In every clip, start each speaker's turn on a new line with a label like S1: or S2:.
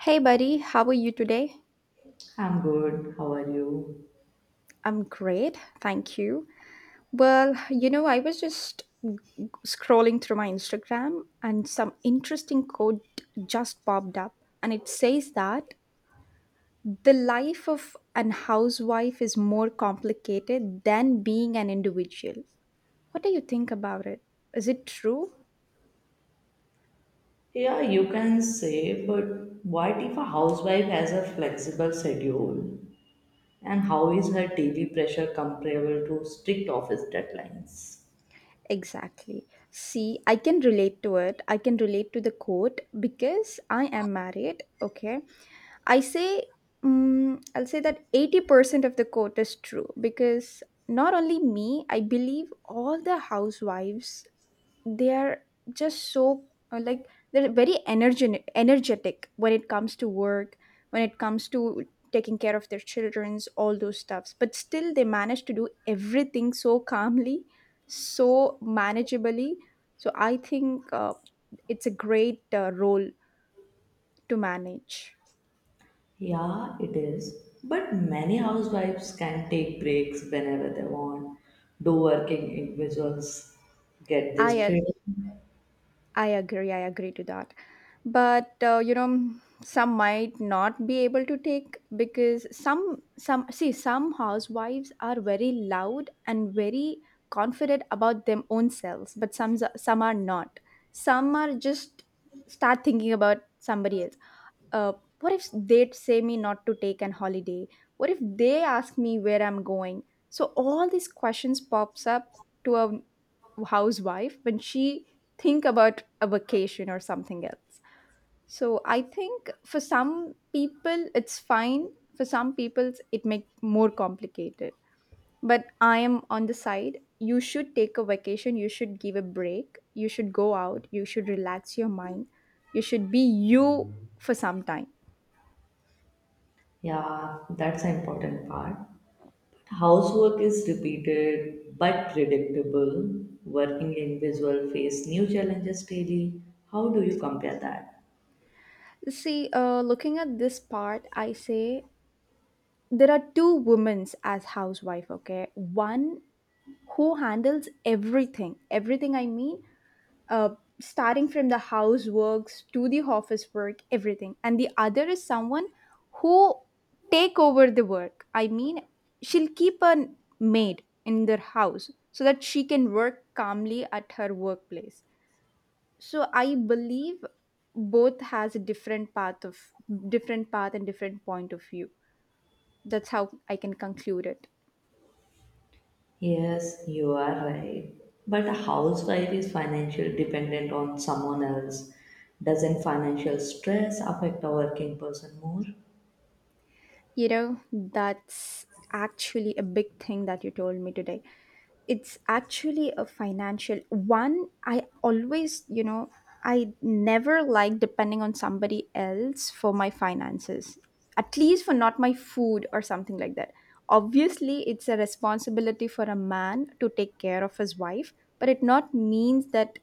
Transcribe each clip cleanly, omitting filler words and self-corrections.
S1: Hey, buddy, how are you today?
S2: I'm good. How are you?
S1: I'm great, thank you. Well, I was just scrolling through my Instagram, and some interesting quote just popped up, and it says that the life of an housewife is more complicated than being an individual. What do you think about it? Is it true?
S2: Yeah, you can say, but what if a housewife has a flexible schedule? And how is her daily pressure comparable to strict office deadlines?
S1: Exactly. See, I can relate to it. I can relate to the quote because I am married, okay? I say, I'll say that 80% of the quote is true because not only me, I believe all the housewives, they are just so, like, they're very energetic when it comes to work, when it comes to taking care of their children's, all those stuffs. But still, they manage to do everything so calmly, so manageably. So I think it's a great role to manage.
S2: Yeah, it is. But many housewives can take breaks whenever they want. Do working individuals get
S1: I
S2: this
S1: uh,
S2: freedom?
S1: I agree. I agree to that. But some might not be able to take because some see some housewives are very loud and very confident about them own selves, but some are not. Some are just start thinking about somebody else, uh, what if they'd say me not to take an holiday? What if they ask me where I'm going? So all these questions pops up to a housewife when she think about a vacation or something else. So I think for some people it's fine, for some people it make more complicated. But I am on the side: you should take a vacation, you should give a break, you should go out, you should relax your mind, you should be you for some time.
S2: Yeah, that's an important part. Housework is repeated but predictable. Working individual face new challenges daily. How do you compare that?
S1: See, looking at this part, I say there are two women as housewife. Okay, one who handles everything. Everything I mean, starting from the houseworks to the office work, everything. And the other is someone who take over the work. I mean, she'll keep a maid in their house so that she can work calmly at her workplace. So I believe both has a different path of different path and different point of view. That's how I can conclude it.
S2: Yes, you are right. But a housewife is financially dependent on someone else. Doesn't financial stress affect a working person more?
S1: You know, that's actually a big thing that you told me today. It's actually a financial one. I always, you know, I never like depending on somebody else for my finances, at least for not my food or something like that. Obviously, it's a responsibility for a man to take care of his wife, but it not means that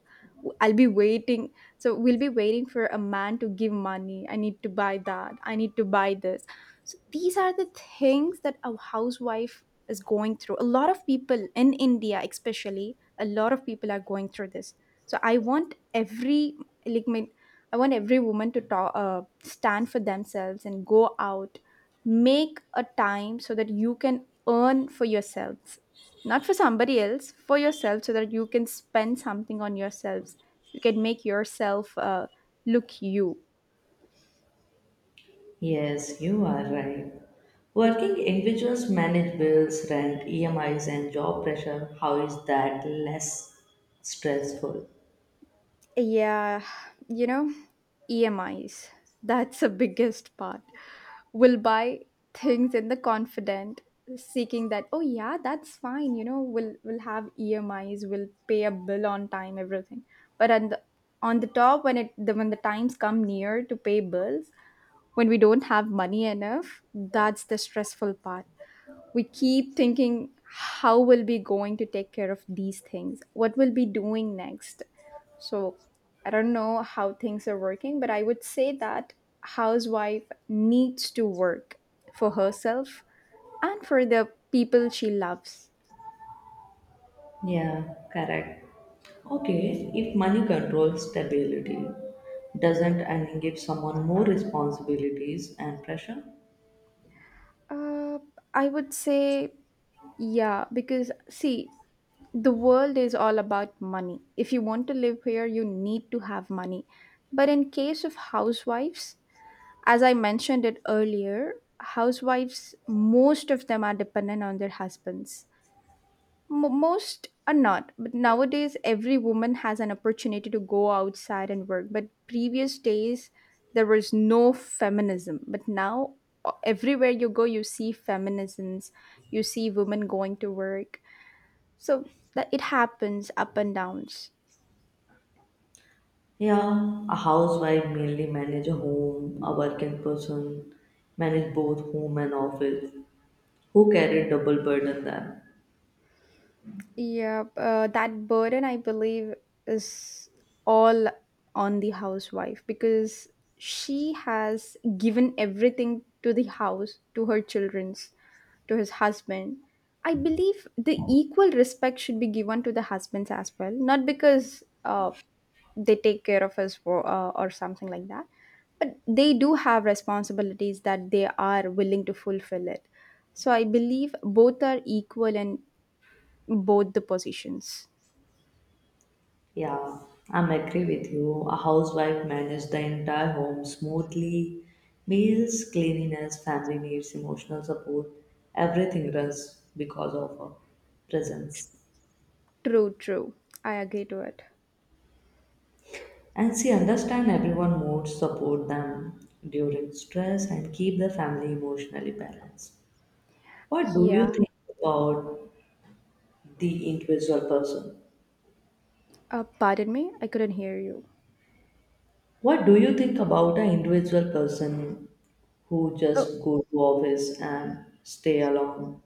S1: I'll be waiting. So we'll be waiting for a man to give money. I need to buy that. I need to buy this. So these are the things that a housewife is going through. A lot of people in India, especially, a lot of people are going through this. So like my, I want every woman to talk, stand for themselves and go out, make a time so that you can earn for yourselves, not for somebody else, for yourself, so that you can spend something on yourselves, you can make yourself look you.
S2: Yes, you are right. Working individuals manage bills, rent, EMIs, and job pressure. How is that less stressful?
S1: Yeah, you know, EMIs, that's the biggest part. We'll buy things in the confident, seeking that, oh yeah, that's fine, we'll have EMIs, we'll pay a bill on time, everything. But on the top when it the when the times come near to pay bills, when we don't have money enough, that's the stressful part. We keep thinking how will we going to take care of these things, what will be doing next. So I don't know how things are working, but I would say that housewife needs to work for herself and for the people she loves.
S2: Yeah, correct. Okay, if money controls stability, doesn't and give someone more responsibilities and pressure?
S1: uh, I would say yeah, because see, the world is all about money. If you want to live here you need to have money. But in case of housewives, as I mentioned it earlier, housewives, most of them are dependent on their husbands. Mo most are not. But nowadays, every woman has an opportunity to go outside and work. But previous days, there was no feminism. But now, everywhere you go, you see feminisms, you see women going to work. So that it happens up and downs.
S2: Yeah, a housewife mainly manage a home, a working person manage both home and office. Who carry double burden then?
S1: Yeah, that burden I believe is all on the housewife because she has given everything to the house, to her children's, to his husband. I believe the equal respect should be given to the husbands as well, not because they take care of us for, or something like that, but they do have responsibilities that they are willing to fulfill it. So I believe both are equal and both the positions.
S2: Yeah, I'm agree with you. A housewife manages the entire home smoothly. Meals, cleanliness, family needs, emotional support, everything runs because of her presence.
S1: True, true. I agree to it.
S2: And she understands everyone more, support them during stress and keep the family emotionally balanced. What do you
S1: Yeah.
S2: think about the individual person?
S1: Pardon me, I couldn't hear you.
S2: What do you think about an individual person who
S1: Oh,
S2: just go to office and stay alone?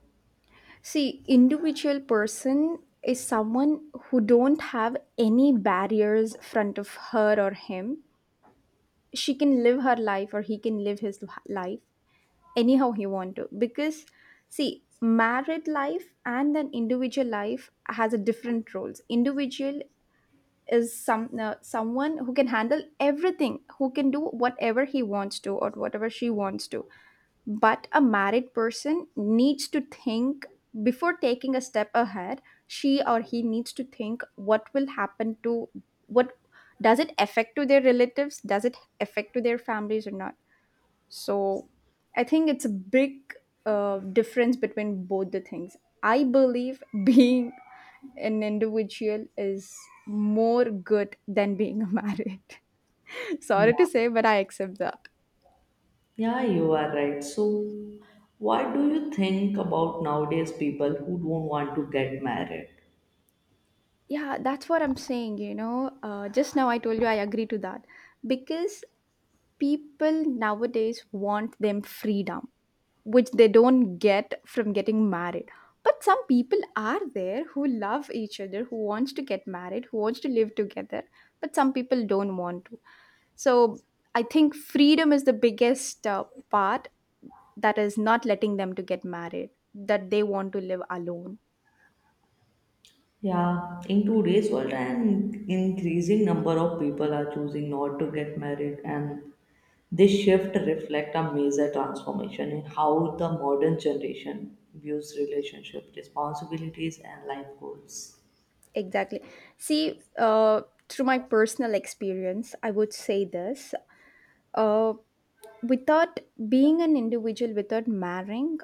S1: see, individual person is someone who don't have any barriers front of her or him. She can live her life or he can live his life anyhow he want to because see married life and an individual life has a different roles. Individual is someone who can handle everything, who can do whatever he wants to or whatever she wants to. But a married person needs to think before taking a step ahead. She or he needs to think what will happen to, what does it affect to their relatives, does it affect to their families or not. So I think it's a big difference between both the things. I believe being an individual is more good than being married. Sorry to say, but I accept that.
S2: Yeah, you are right. So, what do you think about nowadays people who don't want to get married?
S1: Yeah, that's what I'm saying. Just now I told you I agree to that because people nowadays want them freedom, which they don't get from getting married. But some people are there who love each other, who wants to get married, who wants to live together, but some people don't want to. So I think freedom is the biggest part that is not letting them to get married, that they want to live alone.
S2: Yeah, in today's world, an increasing number of people are choosing not to get married, and this shift reflects a major transformation in how the modern generation views relationship responsibilities and life goals.
S1: Exactly. See, through my personal experience, I would say this. uh, Without being an individual, without marrying,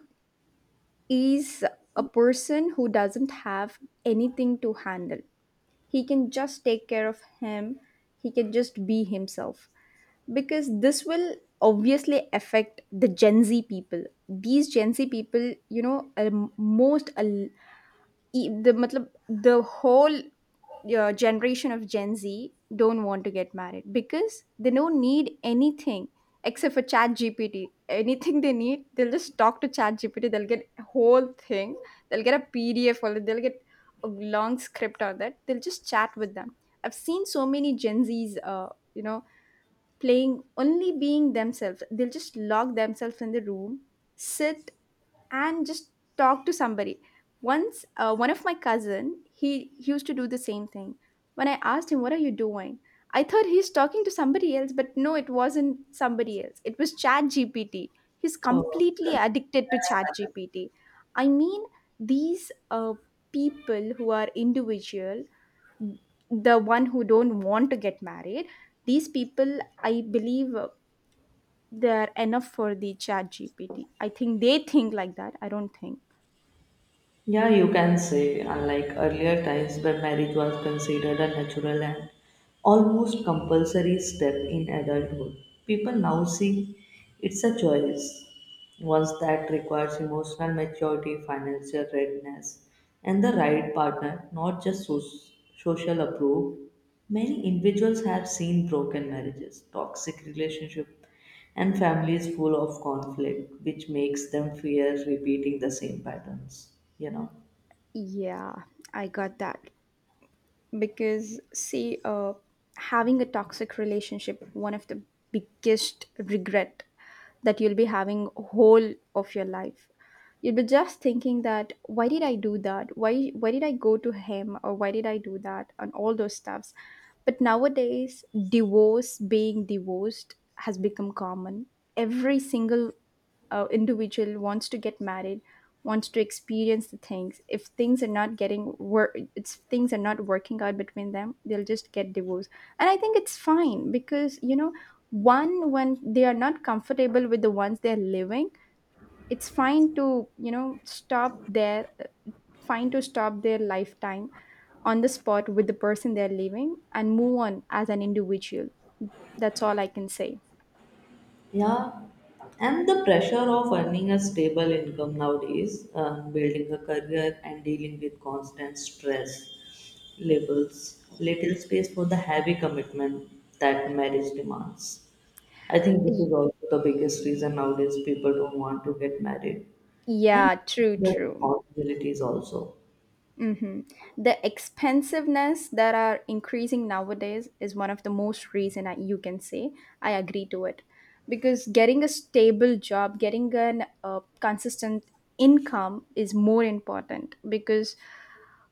S1: is a person who doesn't have anything to handle. He can just take care of him, he can just be himself because this will obviously affect the Gen Z people. These Gen Z people are most al- the matlab, the whole your generation of Gen Z don't want to get married because they don't need anything except for Chat GPT. Anything they need, they'll just talk to Chat GPT. They'll get a whole thing. They'll get a PDF or they'll get a long script on that. They'll just chat with them. I've seen so many Gen Zs, you know, playing only being themselves. They'll just lock themselves in the room, sit and just talk to somebody. Once one of my cousin, he used to do the same thing. When I asked him, "What are you doing?" I thought he's talking to somebody else, but no, it wasn't somebody else. It was ChatGPT. He's
S2: Oh.
S1: completely addicted to ChatGPT. I mean, these people who are individual, the one who don't want to get married, these people, I believe, they are enough for the Chat GPT. I think they think like that, I don't think.
S2: Yeah, you can say, unlike earlier times where marriage was considered a natural and almost compulsory step in adulthood, people now see it's a choice, once that requires emotional maturity, financial readiness, and the right partner, not just social approval. Many individuals have seen broken marriages, toxic relationships, and families full of conflict, which makes them fear repeating the same patterns, you know.
S1: Yeah, I got that. Because, see, having a toxic relationship, one of the biggest regret that you'll be having whole of your life. You'll be just thinking that why did I do that? Why did I go to him or why did I do that and all those stuffs. But nowadays, divorce, being divorced has become common. Every single individual wants to get married, wants to experience the things. If things are not getting work, it's things are not working out between them, they'll just get divorced. And I think it's fine because one when they are not comfortable with the ones they're living, it's fine to stop their lifetime on the spot with the person they're living and move on as an individual. That's all I can say.
S2: Yeah, and the pressure of earning a stable income nowadays, building a career, and dealing with constant stress levels, little space for the heavy commitment that marriage demands. I think this
S1: Y-
S2: is also the biggest reason nowadays people don't want to get married, and
S1: Yeah, true,
S2: the
S1: true.
S2: responsibilities also.
S1: hmm The expensiveness that are increasing nowadays is one of the most reason. You can say I agree to it because getting a stable job, getting an consistent income is more important because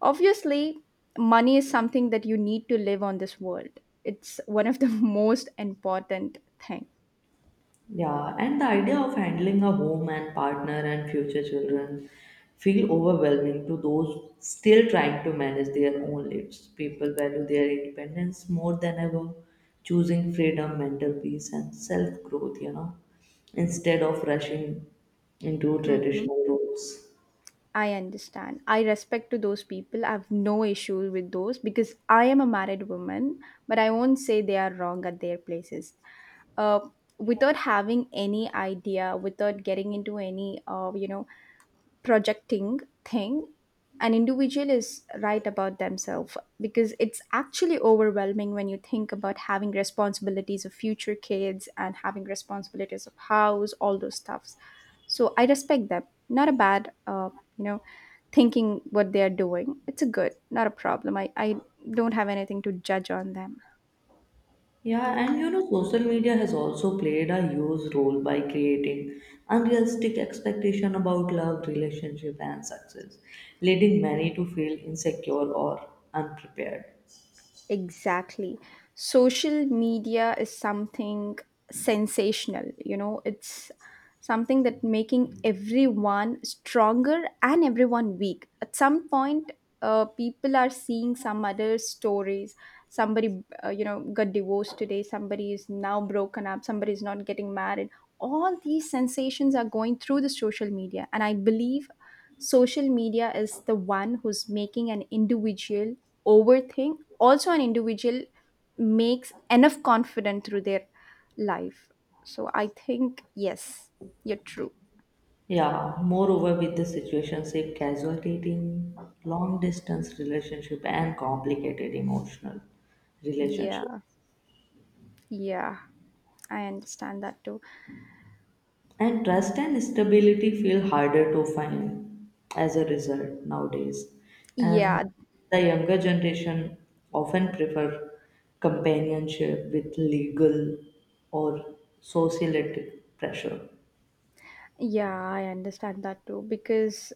S1: obviously money is something that you need to live on this world. It's one of the most important thing.
S2: Yeah, and the idea of handling a home and partner and future children feel overwhelming to those still trying to manage their own lives. People value their independence more than ever, choosing freedom, mental peace, and self growth, instead of rushing into
S1: Mhm.
S2: traditional roles.
S1: I understand. I respect to those people. I have no issue with those because I am a married woman, but I won't say they are wrong at their places. Uh, Without having any idea, without getting into any, projecting thing, an individual is right about themselves because it's actually overwhelming when you think about having responsibilities of future kids and having responsibilities of house, all those stuffs. So I respect them, not a bad you know thinking what they are doing. It's a good, not a problem. I don't have anything to judge on them.
S2: Yeah, and you know, social media has also played a huge role by creating unrealistic expectation about love, relationship, and success, leading many to feel insecure or unprepared.
S1: Exactly. Social media is something sensational, it's something that making everyone stronger and everyone weak. At some point, people are seeing some other stories. Somebody, got divorced today. Somebody is now broken up. Somebody is not getting married. All these sensations are going through the social media, and I believe social media is the one who's making an individual overthink. Also an individual makes enough confident through their life. So I think yes, you're true.
S2: Yeah, moreover, with the situationship, casual dating, long distance relationship, and complicated emotional relationship.
S1: Yeah, yeah, I understand that too.
S2: And trust and stability feel harder to find as a result nowadays. And
S1: Yeah,
S2: the younger generation often prefer companionship with legal or societal pressure.
S1: yeah, I understand that too because